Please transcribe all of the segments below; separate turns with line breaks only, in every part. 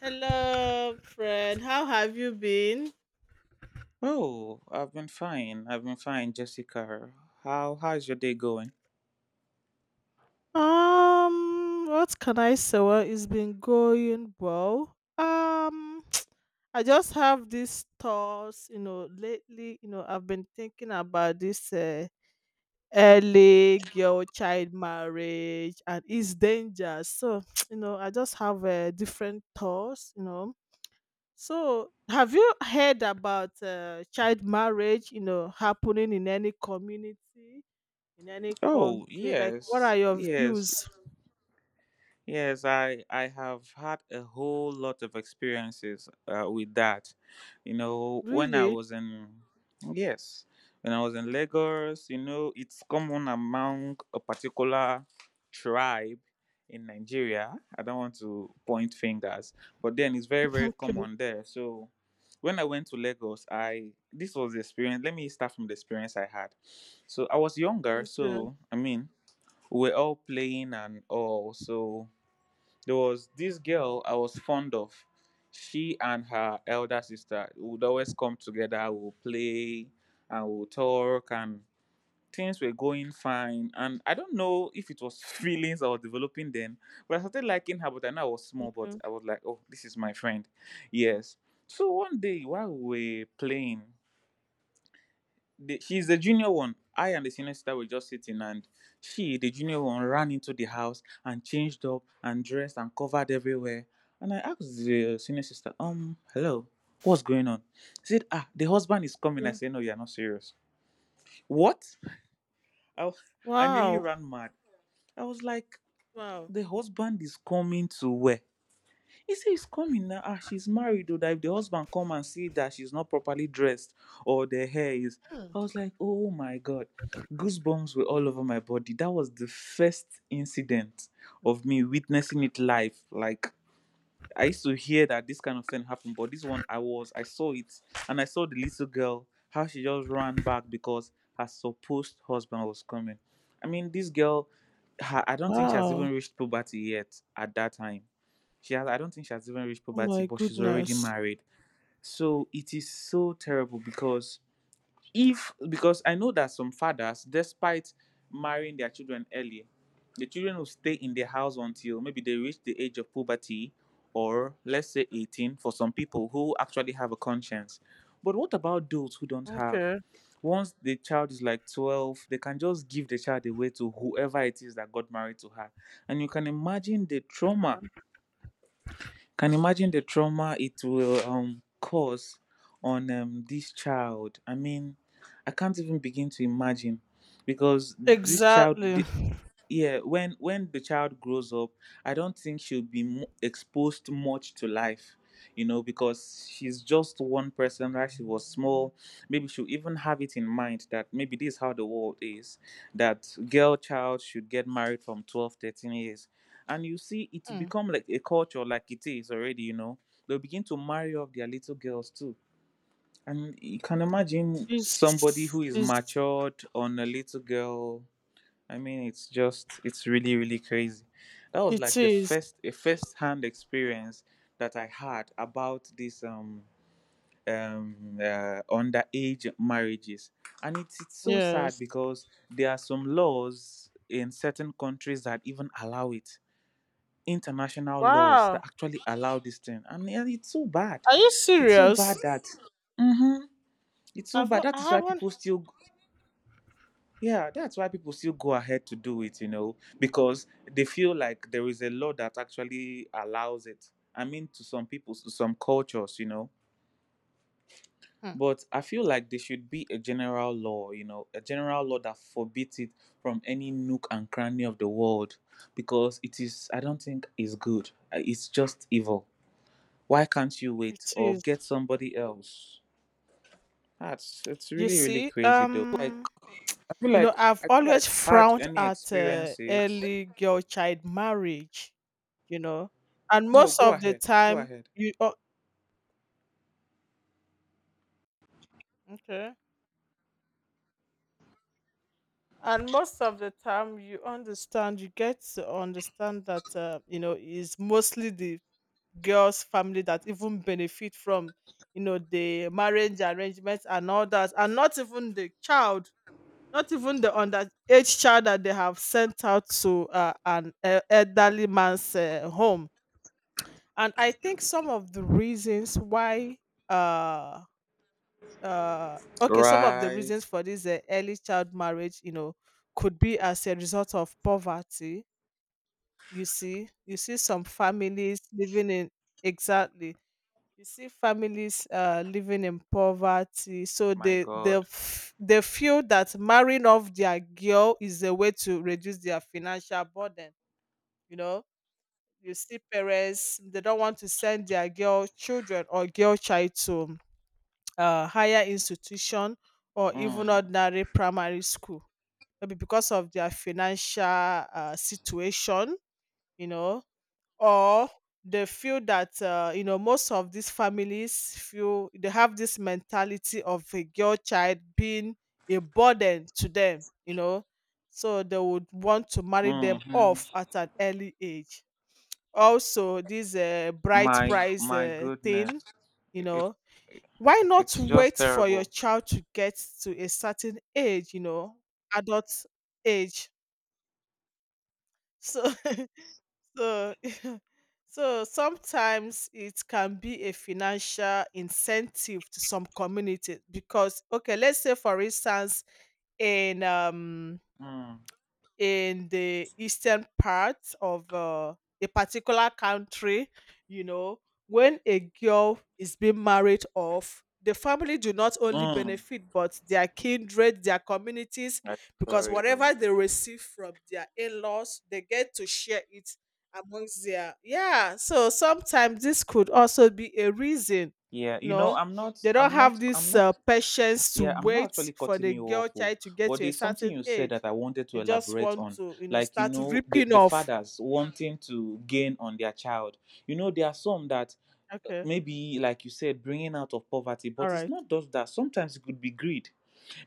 Hello, friend. How have you been?
Oh, I've been fine. I've been fine, Jessica. How's your day going?
What can I say? Well, it's been going well. I just have these thoughts, lately, I've been thinking about this early girl child marriage and its dangers. So, I just have different thoughts. So, have you heard about child marriage, happening in any community? In any
Oh,
country? Like, what are
yes.
your
Yes.
views?
Yes, I have had a whole lot of experiences with that. You know, when I
Really?
was in yes, when I was in Lagos, you know, it's common among a particular tribe in Nigeria. I don't want to point fingers, but then it's very very
Okay.
common there. So when I went to Lagos, I this was the experience. Let me start from the experience I had. So I was younger,
Okay.
so I mean, we are all playing and all so there was this girl I was fond of. She and her elder sister would always come together, we'll play and we'll talk, and things were going fine. And I don't know if it was feelings I was developing then, but I started liking her. But I know I was small, but
Okay.
I was like, oh, this is my friend. Yes. So one day while we were playing, the, she's the junior one. I and the senior sister were just sitting, and she, the junior one, ran into the house and changed up and dressed and covered everywhere. And I asked the senior sister, hello, what's going on? She said, ah, the husband is coming. I
Okay.
said, no, you're not serious. What? I, wa- I nearly
Wow.
ran mad. I was like,
Wow.
the husband is coming to where? He say he's coming now. Ah, she's married though. That if the husband come and see that she's not properly dressed or the hair is,
Hmm.
I was like, oh my god, goosebumps were all over my body. That was the first incident of me witnessing it live. Like I used to hear that this kind of thing happened, but this one I was, I saw it, and I saw the little girl how she just ran back because her supposed husband was coming. I mean, this girl, her, I don't think she has even
Wow.
reached puberty yet at that time she has, I don't think she has even reached
Oh
puberty,
my
but she's already
goodness.
married. So it is so terrible because if because I know that some fathers, despite marrying their children early, the children will stay in the house until maybe they reach the age of puberty or let's say 18 for some people who actually have a conscience. But what about those who don't have?
Okay.
Once the child is like 12, they can just give the child away to whoever it is that got married to her. And you can imagine the trauma can imagine the trauma it will cause on this child. I mean, I can't even begin to imagine because this child,
Exactly.
the, yeah when the child grows up, I don't think she'll be exposed much to life, you know, because she's just one person, right? She was small. Maybe she'll even have it in mind that maybe this is how the world is, that girl child should get married from 12, 13 years, and you see it
Hmm.
become like a culture, like it is already, you know, they'll begin to marry off their little girls too. And you can imagine somebody
It's,
who is
it's,
matured on a little girl. I mean, it's just, it's really, really crazy. That was
it
like the
is.
first, a first-hand experience that I had about this underage marriages, and it's so sad
Yes.
because there are some laws in certain countries that even allow it. International laws that
Wow.
actually allow this thing, and it's so bad.
Are you
It's so bad
serious?
that. Mm-hmm. It's so bad. That
I
is why
haven't.
people still yeah, that's why people still go ahead to do it, you know, because they feel like there is a law that actually allows it. I mean, to some people, to some cultures, you know.
Hmm.
But I feel like there should be a general law, you know, a general law that forbids it from any nook and cranny of the world because it is, I don't think, it's good. It's just evil. Why can't you wait
It
or
is.
get somebody else? That's it's
You
really
see,
crazy though. Like
um,
I feel
You know,
like
I've always
had
frowned
any
at
experiences.
early girl child marriage, you know, and
No,
most
go
of the
ahead. Go
time
ahead.
you o- okay, and most of the time you understand, you get to understand that is mostly the girl's family that even benefit from the marriage arrangements and all that, and not even the child. Not even the underage child that they have sent out to an elderly man's home. And I think some of the reasons why uh okay, some of the
Right.
reasons for this early child marriage could be as a result of poverty. You see, some families living in, exactly. You see, families living in poverty, so
My
they they
God.
f- they feel that marrying off their girl is a way to reduce their financial burden you know You see parents, they don't want to send their girl children or girl child to higher institution or even
Mm.
ordinary primary school. Maybe because of their financial situation, you know, or they feel that most of these families feel they have this mentality of a girl child being a burden to them, so they would want to marry them
Hmm.
off at an early age. Also, this bright
My
price
my
thing,
goodness.
you
It,
know why not
it's just
wait for your
terrible.
child to get to a certain age, adult age? So so so sometimes it can be a financial incentive to some communities because, okay, let's say for instance, in um
Mm.
in the eastern part of a particular country, you know, when a girl is being married off, the family do not only
Mm.
benefit, but their kindred, their communities,
Like, for
because
real.
whatever they receive from their in-laws, they get to share it amongst their, yeah. So sometimes this could also be a reason,
Yeah,
you
you know,
know.
I'm not
They don't
I'm
have
not I'm
this
not
patience to
yeah, I'm not
wait
actually
for
cutting
the
you
girl
off. Oh,
child to get
but
to a
there's something
certain
you said
age.
that I wanted to
They just
elaborate
want
on.
to,
Like, you
start
know, the,
ripping
the
off.
fathers wanting to gain on their child. You know, there are some that
Okay.
maybe like you said bringing out of poverty,
All
but it's
right.
not just that. Sometimes it could be greed.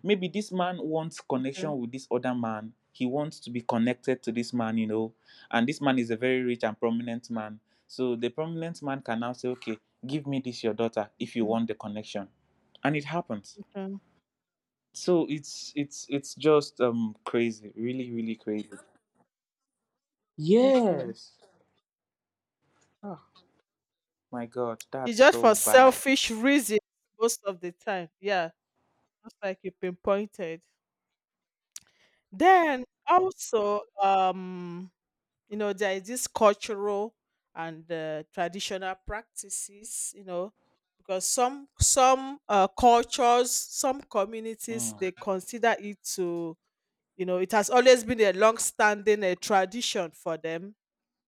Maybe this man wants
Okay.
connection with this other man, he wants to be connected to this man, you know, and this man is a very rich and prominent man, so the prominent man can now say, okay, give me this your daughter if you
Okay.
want the connection. And it happens.
Okay.
So it's just crazy, really really crazy.
Okay.
Yes, my god,
It's
that's
just for
so bad.
selfish reasons most of the time. Yeah. Just like you pinpointed. Then also, there is this cultural and traditional practices, because some cultures, some communities, they
Mm,
consider it to, it has always been a long-standing tradition for them.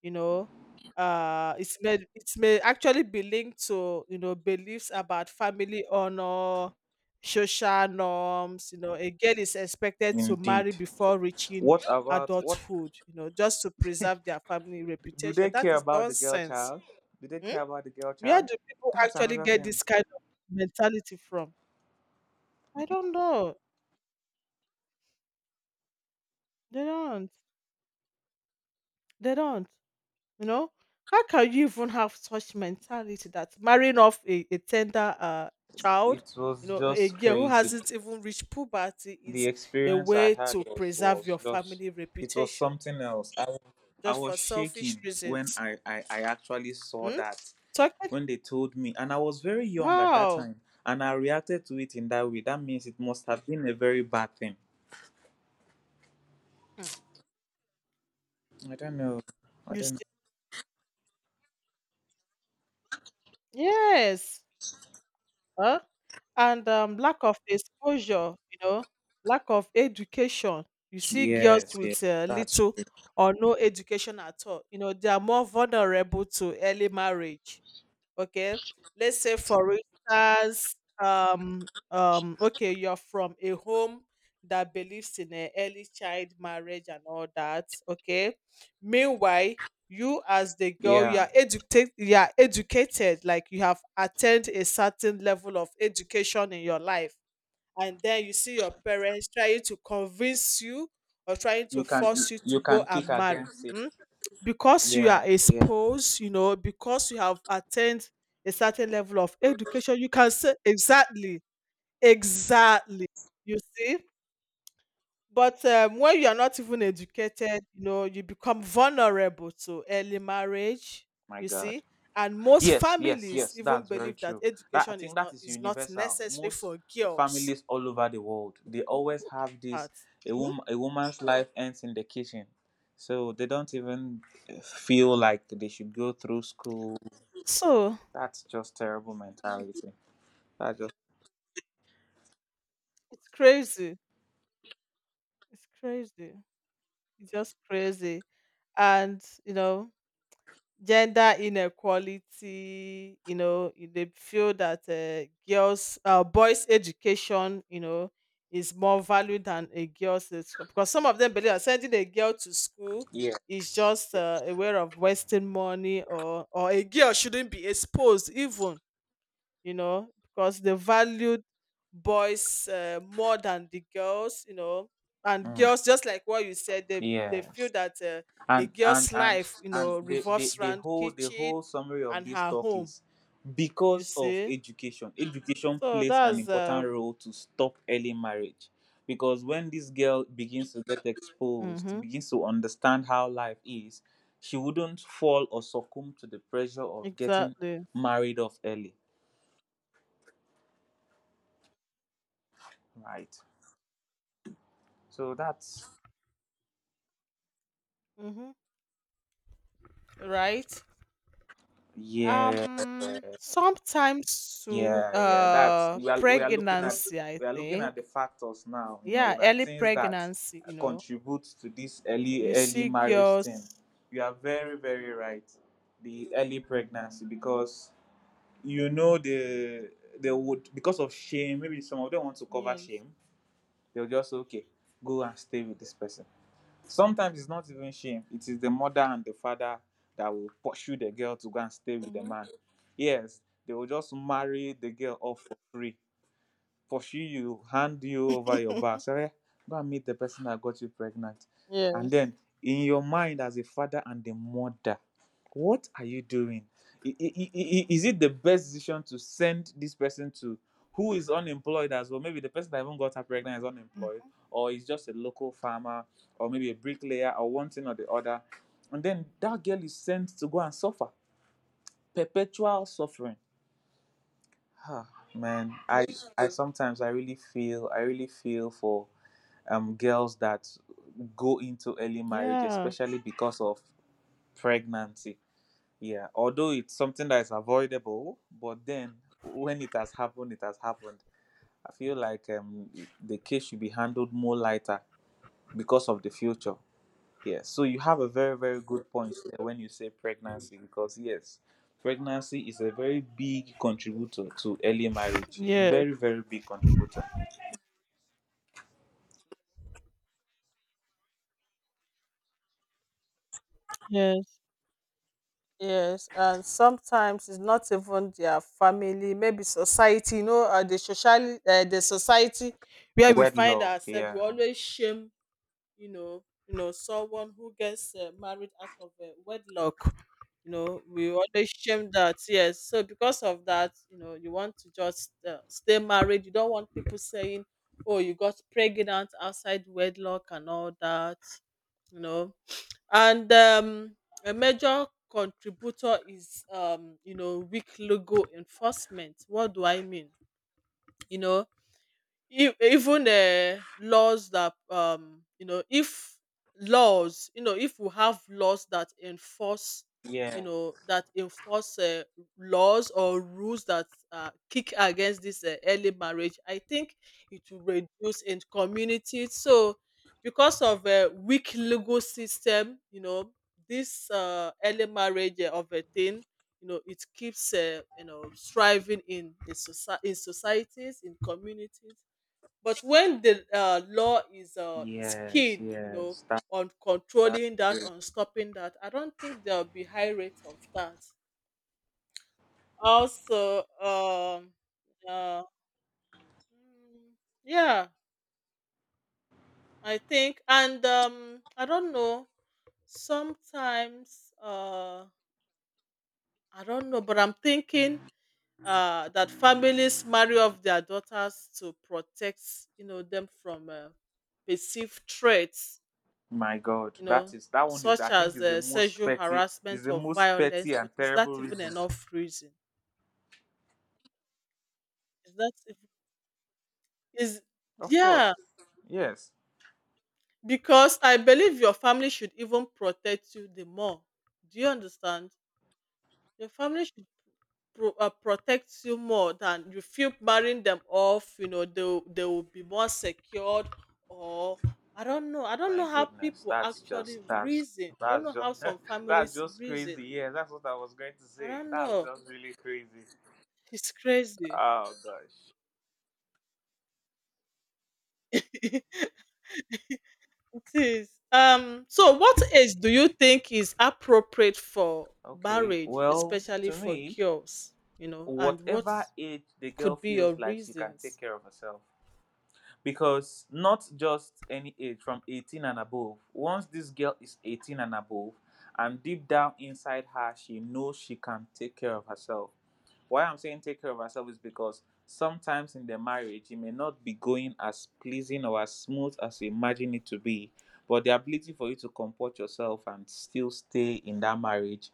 you know it may actually be linked to, beliefs about family honor, social norms. A girl is expected to marry
indeed.
before reaching
What about what,
adulthood, just to preserve their family
do
reputation.
they
That
care
is
about the girl
nonsense.
child? Do they
Hmm?
care about the girl
Where
child
do people
That's
actually
another
get
thing.
this kind of mentality from? I don't know. They don't. They don't. You know, how can you even have such mentality that marrying off a tender child,
It was
a
just
girl who
crazy.
hasn't even reached puberty,
The
is a
experience I
way
had
to preserve
was
your
just
family
it was
reputation
something else. I
just
was
for selfish
shaking when
reasons?
I I actually saw
Hmm?
that
Talking,
when they told me, and I was very young at that
wow.
time, and I reacted to it in that way. That means it must have been a very bad thing.
Hmm.
I don't know. I
You
don't know.
see, yes. Huh? And lack of exposure, lack of education. You see girls
Yes, yes,
with
that's
little
true.
or no education at all. You know, they are more vulnerable to early marriage. Okay, let's say for instance, okay, you're from a home that believes in a early child marriage and all that. Okay, meanwhile, you as the girl, you
Yeah.
are educated, you are educated, like you have attained a certain level of education in your life, and then you see your parents trying to convince you or trying to
You can
force you
you
to go
can kick
and marry.
against it.
Hmm? Because you are
Yeah, yeah.
exposed, because you have attained a certain level of education, you can say, exactly, exactly. You see? But when you are not even educated, you become vulnerable to early marriage,
My
you
God.
see? And most
Yes, yes,
families
yes,
even
that's very
believe that
true. That I
education is
think that
not
is
is not
universal.
necessary
Most
for girls.
families all over the world, they always
Who
have this
That. Hmm?
a woman's life ends in the kitchen. So they don't even feel like they should go through school.
So
That's just terrible mentality. That just
it's crazy. It's crazy. It's just crazy. And, gender inequality, they feel that boys' education, is more valued than a girl's edu- because some of them believe that sending a girl to school
yeah.
is just a way of wasting money, or a girl shouldn't be exposed even, because they valued boys more than the girls, and
Mm,
girls, just like what you said, they feel
yes.
that a
and and
girl's
and
life,
and
revolves around
the
kitchen
whole summary of
and
this
her
talk
home,
is
you
because of
see.
education, education
So
plays an
that's
important role to stop early marriage because when this girl begins to get exposed,
mm-hmm,
begins to understand how life is, she wouldn't fall or succumb to the pressure of getting
exactly,
married off early, right? So that's
mm-hmm, right.
yeah.
Sometimes to
Yeah, yeah, that's we are looking at,
pregnancy, I
we are looking
think,
at the factors now, you know,
yeah,
that
early
things that
pregnancy,
contribute to this
you
early
see
marriage
girls.
thing. You are very, very right. The early pregnancy because you know the they would because of shame, maybe some of them want to cover
Yes.
shame, they'll just say, okay, go and stay with this person. Sometimes it's not even shame. It is the mother and the father that will pursue the girl to go and stay with the
Mhm.
man. Yes, they will just marry the girl off for free, pursue you, hand you over your back. Say, "Eh, go and meet the person that got you pregnant." And
Yes.
then in your mind as a father and a mother, what are you doing? I- i- i- Is it the best decision to send this person to who is unemployed as well? Maybe the person that even got her pregnant is unemployed,
Mm.
or is just a local farmer, or maybe a bricklayer, or one thing or the other. And then that girl is sent to go and suffer perpetual suffering. Huh, man, I sometimes I really feel, I really feel for girls that go into early marriage,
Yeah.
especially because of pregnancy. Yeah, although it's something that is avoidable, but then when it has happened, it has happened. I feel like the case should be handled more lighter because of the future. Yeah, so you have a very, very good point there when you say pregnancy, because yes, pregnancy is a very big contributor to early marriage.
Yes.
Very, very big contributor.
Yes. Yes, and sometimes it's not even their family, maybe society, the society where we find
Wedlock,
ourselves, we
yeah.
always shame. You know, someone who gets married out of wedlock, we always shame that, yes. So because of that, you want to just stay married. You don't want people saying, oh, you got pregnant outside wedlock and all that, you know and a major contributor is weak legal enforcement. What do I mean? you know Even laws that if we have laws that enforce,
Yeah.
that enforce laws or rules that kick against this early marriage, I think it will reduce in community. So because of a weak legal system, this early marriage of a thing, it keeps thriving in societies, in communities. But when the law is
Yes,
keen,
yes. That
on
that
controlling that, on stopping that, I don't think there'll be high rates of that. Also, uh, mm, yeah, I think, and I don't know. Sometimes, I don't know, but I'm thinking that families marry off their daughters to protect, them from perceived threats,
my God.
you
That
know,
is that one is,
such
I think,
as
is the most
sexual
petty, is
harassment
the
or
most
violence.
petty and
But is that
terrible
even
reason.
enough reason? Is that ev- is
Of
Yeah?
course. Yes.
Because I believe your family should even protect you the more. Do you understand? Your family should protect you more than you feel marrying them off. You know, they will be more secured or. I don't know. I don't
My
know how
goodness.
people
That's
actually
just that's
reason. I don't know
that's just
how some
that's
families
just
reason.
crazy. Yeah, that's what I was going to
I
say.
don't
That's
know.
just really crazy.
It's crazy.
Oh gosh.
It is. So what age do you think is appropriate for
Okay.
marriage,
Well,
especially
to
for
me,
girls? You know, and what
whatever age the girl
could be your
feels like she can take
reasons?
care of herself. Because not just any age, from 18 and above. Once this girl is 18 and above, and deep down inside her, she knows she can take care of herself. Why I'm saying take care of ourselves is because sometimes in the marriage it may not be going as pleasing or as smooth as you imagine it to be. But the ability for you to comport yourself and still stay in that marriage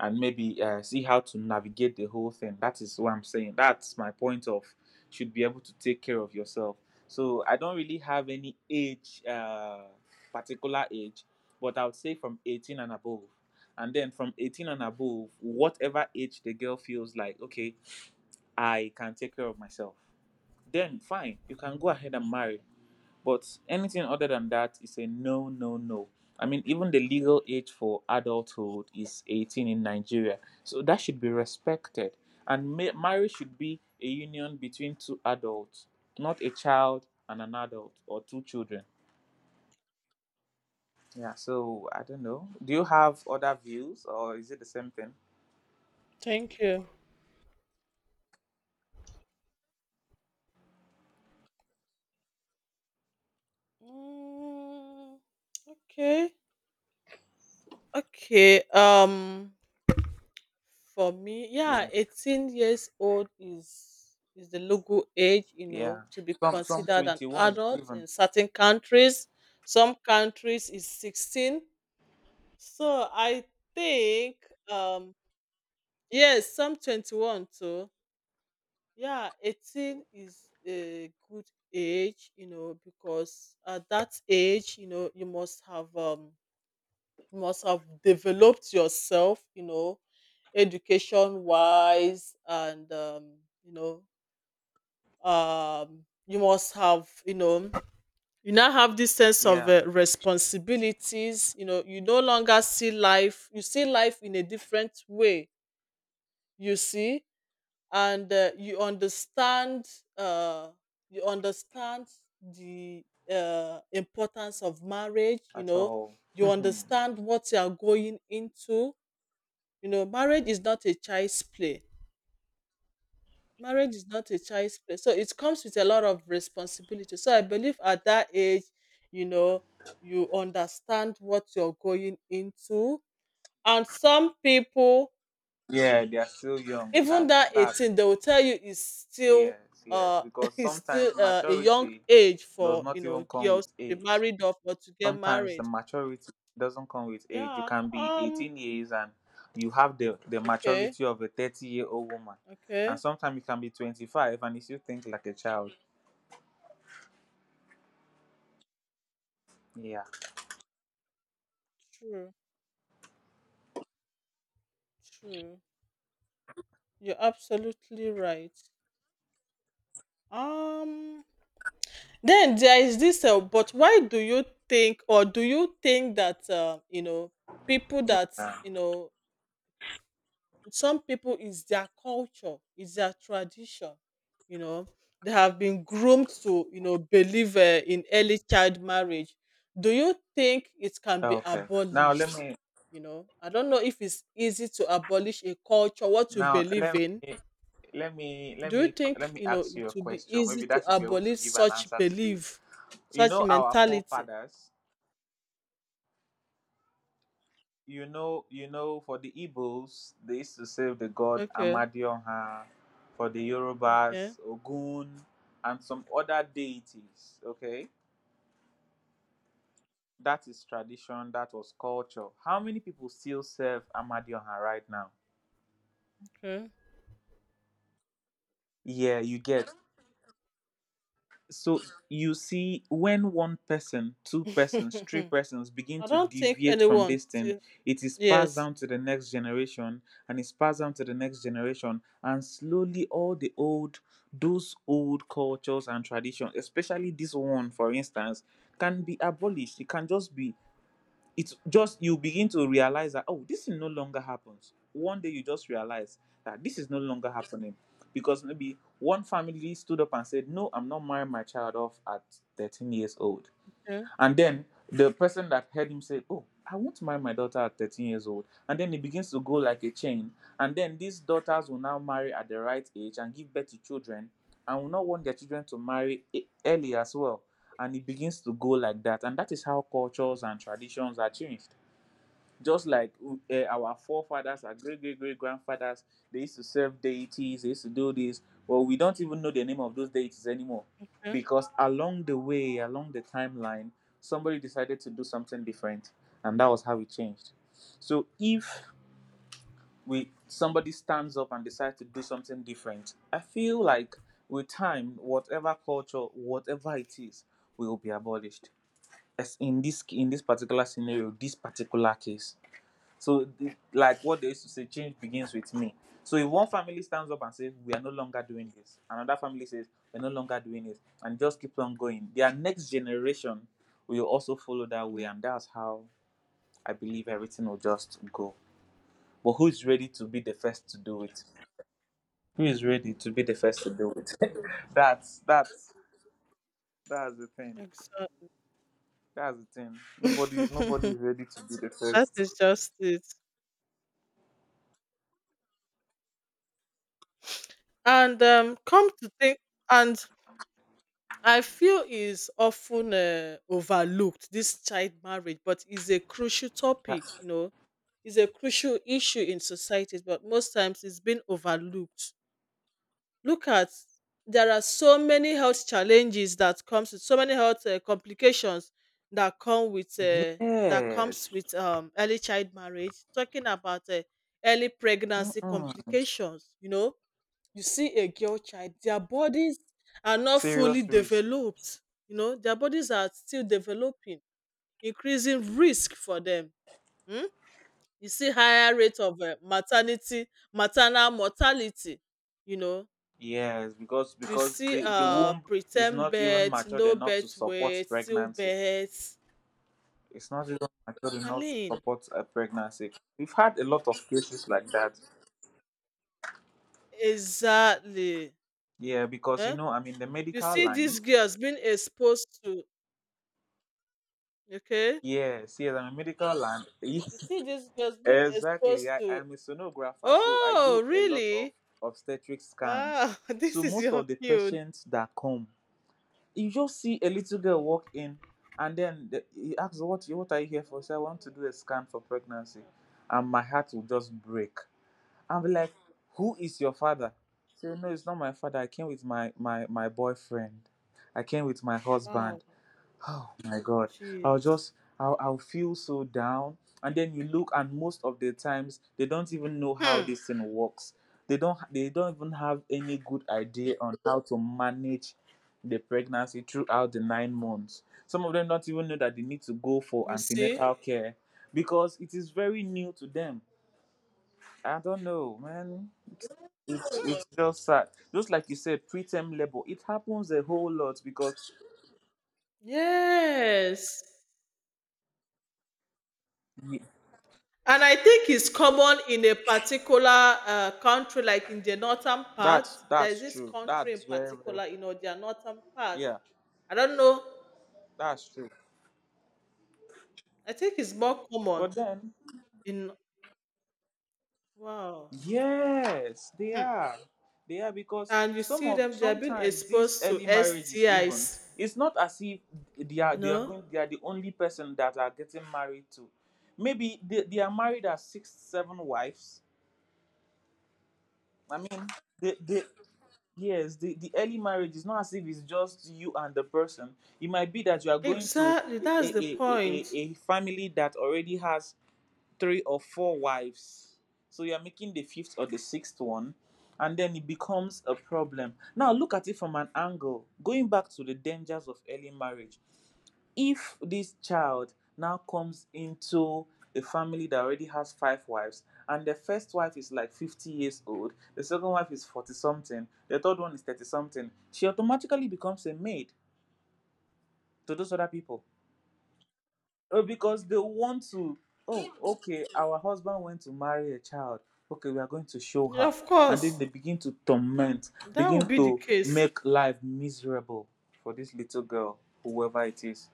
and maybe see how to navigate the whole thing. That is what I'm saying. That's my point of should be able to take care of yourself. So I don't really have any particular age, but I would say from 18 and above. And then from 18 and above, whatever age the girl feels like, okay, I can take care of myself, then fine, you can go ahead and marry. But anything other than that is a no. I mean, even the legal age for adulthood is 18 in Nigeria, so that should be respected. And marriage should be a union between two adults, not a child and an adult or two children. Yeah, so I don't know, do you have other views or is it the same thing?
Thank you. Mm, okay. Okay. For me, yeah,
Yeah.
18 years old is the legal age,
Yeah.
to be
Some
considered an
21
adult
even.
in certain countries. Some countries is 16. So I think, um yes, some 21 too. Yeah, 18 is a good age, because at that age, you must have developed yourself, education wise and you know, you must have, you now have this sense of
Yeah.
responsibilities, you no longer see life, you see life in a different way, you see. And uh you understand the importance of marriage,
At all.
you understand what you are going into. Marriage is not a child's play. Marriage is not a child's play. So it comes with a lot of responsibility. So I believe at that age, you know you understand what you're going into. And some people,
Yeah, they are still young.
even
That
that
that
18 they will tell you, is still
Yes, yes.
uh
Because
is
sometimes
still a young
maturity
age
does
for,
not even come
girls
with
to be
age.
married off or to get
Sometimes the
married.
maturity doesn't come with age. You
Yeah.
can be 18 years and you have the
Okay.
maturity of a 30 year old woman.
Okay.
And sometimes you can be 25 and you still think like a child. Yeah.
True. True. You're absolutely right. um then there is this but why do you think that, people that,
Yeah.
you know some people, is their culture, is their tradition, you know they have been groomed to, believe in early child marriage, do you think it can be
Okay. Now let
abolished?
me
I don't know if it's easy to abolish a culture, what you
now
believe
let
in.
me let me let
Do you
me let
think,
me ask
it
you a
would be
question,
easy
maybe
to
that should be able to
abolish
give an
such
answer to this.
belief,
You
such
know, our
mentality?
forefathers, you know, for the Igbos, they used to serve the god
Okay.
Amadioha, for the
Okay.
Yorubas Ogun, and some other deities. Okay, that is tradition, that was culture. How many people still serve Amadioha right now?
Okay.
Yeah, you get. So you see, when one person, two persons, three persons begin
I
to
don't think
deviate from
anyone
this thing,
still.
it is passed
Yes.
down to the next generation, and it's passed down to the next generation, and slowly all the old, those old cultures and traditions, especially this one, for instance, can be abolished. It can just be it's just you begin to realize that, oh, this thing no longer happens. One day you just realize that this is no longer happening because maybe one family stood up and said, no, I'm not marrying my child off at 13 years old.
Yeah,
And then the person that heard him say, oh, I want to marry my daughter at 13 years old. And then it begins to go like a chain. And then these daughters will now marry at the right age and give birth to children and will not want their children to marry early as well. And it begins to go like that. And that is how cultures and traditions are changed, just like our forefathers, our great great great grandfathers, they used to serve deities, they used to do this. Well, we don't even know the name of those deities anymore
yeah,
because along the way, along the timeline, somebody decided to do something different, and that was how it changed. So if we somebody stands up and decides to do something different, I feel like with time, whatever culture, whatever it is, will be abolished. As in this particular scenario, this particular case. So the, like what they used to say, change begins with me. So if one family stands up and says, we are no longer doing this, another family says, we're no longer doing this, and just keeps on going, their next generation will also follow that way.
yeah.
And that's how I believe everything will just go. But who is ready to be the first to do it? Who is ready to be the first to do it? that's that's that's the thing.
Exactly.
That's the thing. Nobody
That
is ready to be the first.
is just it. And come to think, and I feel is often overlooked this child marriage, but is a crucial topic.
That-
You know, is a crucial issue in societies, but most times it's been overlooked. Look at, there are so many health challenges that comes with so many health complications that come with that comes
Yes.
with early child marriage. Talking about early pregnancy
Mm-mm.
complications, you see a girl child, their bodies are not fully
Serious risk.
developed. You know, their bodies are still developing, increasing risk for them. Mm? You see higher rate of maternal mortality. You know,
Yes, because
you
because
see
the womb is
pretend
not even
birth,
matured
no
enough to
birth
support
weight, still
pregnancy.
birth,
It's not even matured
I
enough to
mean,
support a pregnancy. We've had a lot of cases like that.
exactly.
Yeah, because you
Eh?
know, I'm in the
You
medical
see
line.
these girls being exposed to. Okay.
Yes, yes, I'm a medical line.
You see these girls being
Exactly.
exposed
I,
to.
I'm a sonographer, so I
Oh,
do a lot of
really?
obstetric scans.
Wow. This
So
is
most
your
of the
field.
patients that come, you just see a little girl walk in, and then the, he asks what are you here for? She said, I want to
Oh,
do a scan for pregnancy, and my heart will just break. I'll be like, who is your father? Say, no, it's not my father, I came with my boyfriend I came with my
wow.
husband. Oh my God. I'll
Jeez.
just, I'll feel so down. And then you look, and most of the times, they don't even know how
Hmm.
this thing works. They don't even have any good idea on how to manage the pregnancy throughout the 9 months. Some of them don't even know that they need to go for
You see,
antenatal care because it is very new to them. I don't know, man. It's just sad. Just like you said, preterm labor. It happens a whole lot because
yes. And I think it's common in a particular country, like in the northern part. There's
That's
this
true.
country in
That's very,
particular, their northern part.
yeah,
I don't know.
that's true.
I think it's more common
But then
in. Wow.
yes, they
Hmm.
are. They are because
And you
some
see
of
them, they are being
sometimes these
exposed to
early marriages even
STIs,
it's not as if
you know?
they are the only person that are getting married to. Maybe they are married as six, seven wives. I mean the yes, the early marriage is not as if it's just you and the person. It might be that you are going to
Exactly. That's the point.
a family that already has three or four wives. So you're making the fifth or the sixth one, and then it becomes a problem. Now look at it from an angle. Going back to the dangers of early marriage. If this child now comes into a family that already has five wives, and the first wife is like 50 years old, the second wife is 40 something, the third one is 30 something, she automatically becomes a maid to those other people. Oh, because they want to. Oh, okay. Our husband went to marry a child. Okay, we are going to show her,
Of
and then
course,
they begin to torment,
that
begin
would be the
to
case.
make life miserable for this little girl, whoever it is.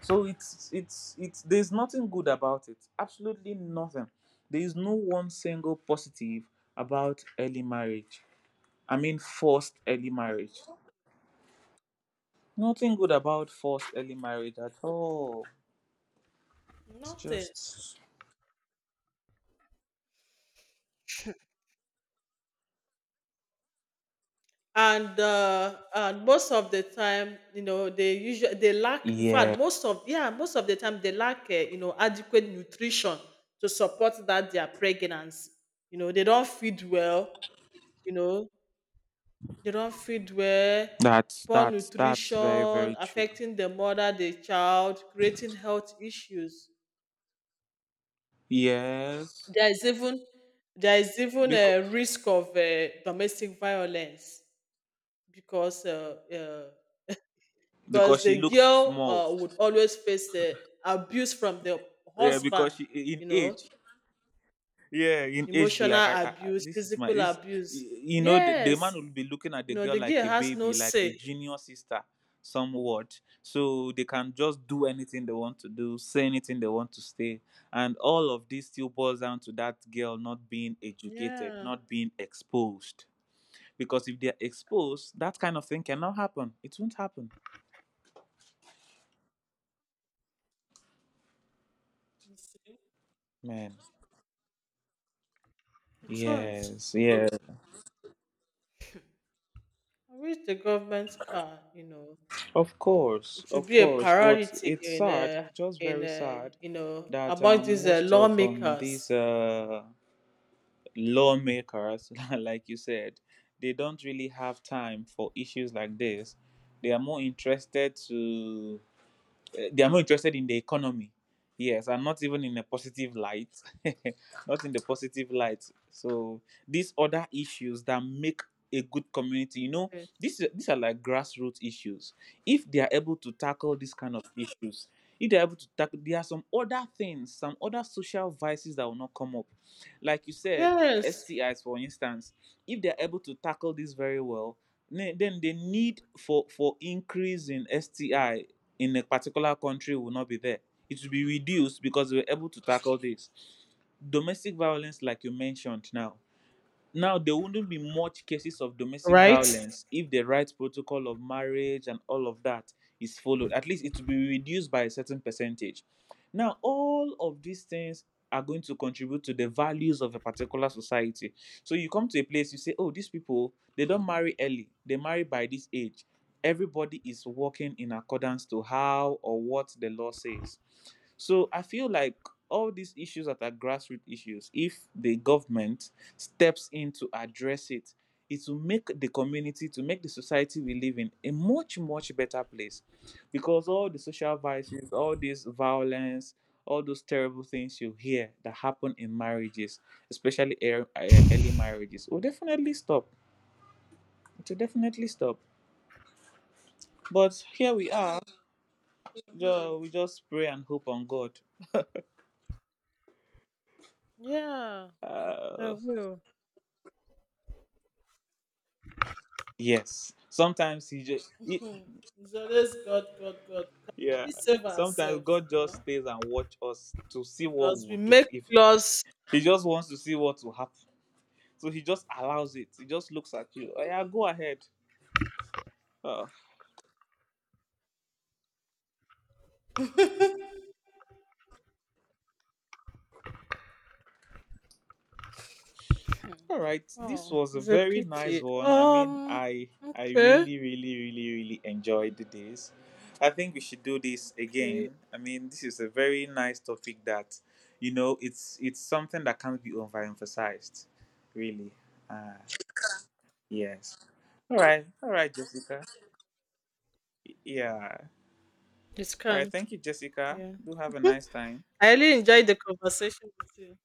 So it's there's nothing good about it. Absolutely nothing. There is no one single positive about early marriage. I mean, forced early marriage. Nothing good about forced early marriage at all. It's
Nothing.
just
And most of the time, they usually, they lack. In fact,
yeah.
most of, yeah, most of the time they lack adequate nutrition to support that their pregnancy. They don't feed well you know they don't feed well.
That's
Poor
that's that's very
nutrition
very true.
affecting the mother, the child, creating health issues.
Yes,
There is even there is even
because
a risk of domestic violence, because uh, because
because she
the
looks
girl
small.
would always face abuse from the
Yeah,
husband,
because she in
you know
age. Yeah, in age, be like
emotional
I
abuse,
this is my
physical
this.
abuse,
You know, the
yes.
man will be looking at the girl
The
like
girl
a
has no
baby, like a
say.
junior sister, somewhat. So they can just do anything they want to do, say anything they want to say, and all of this still boils down to that girl not being educated,
Yeah.
not being exposed. Because if they're exposed, that kind of thing cannot happen. It won't happen.
You see.
Man,
It won't.
yes, yes,
I wish the government can, you know, it should
of
be a
course, but
priority
it's sad, just
in
very sad,
you know
that
among these
most of
lawmakers.
these lawmakers, like you said, they don't really have time for issues like this. They are more interested to they are more interested in the economy. Yes, and not even in a positive light, not in the positive light. So these other issues that make a good community, you know,
Yes.
these are like grassroots issues. If they are able to tackle these kind of issues, if they are able to tackle, there are some other things, some other social vices that will not come up. Like you said,
Yes.
STIs, for instance, if they are able to tackle this very well, then the need for increase in STI in a particular country will not be there. It will be reduced because we're able to tackle this. Domestic violence, like you mentioned now, there wouldn't be much cases of domestic
Right.
violence if the right protocol of marriage and all of that is followed. At least it will be reduced by a certain percentage. Now, all of these things are going to contribute to the values of a particular society. So you come to a place, you say, oh, these people, they don't marry early, they marry by this age. Everybody is working in accordance to how or what the law says. So I feel like all these issues that are grassroots issues, if the government steps in to address it, it will make the community, to make the society we live in a much, much better place. Because all the social vices, all this violence, all those terrible things you hear that happen in marriages, especially early marriages, will definitely stop. It will definitely stop. But here we are. We just pray and hope on God.
Yeah, they
Uh,
will.
yes. Sometimes he just
So let's God, God, God. Can
yeah.
we save
Sometimes
ourselves,
God just stays and watch us to see what
because we
we'll do
make
even.
laws.
He just wants to see what will happen. So he just allows it. He just looks at you. Oh, yeah, go ahead. Oh, all right. This
Oh,
was a
it's a
very nice
pity.
one. I mean, I
Okay,
really, really, really, really enjoyed this. I think we should do this
okay,
again. I mean, this is a very nice topic that, you know, it's something that can't be overemphasized, really. Uh, yes. All right. All right, Jessica. Yeah.
it
All right.
can't.
Thank you, Jessica.
Yeah,
Do have a nice time.
I really enjoyed the conversation with you.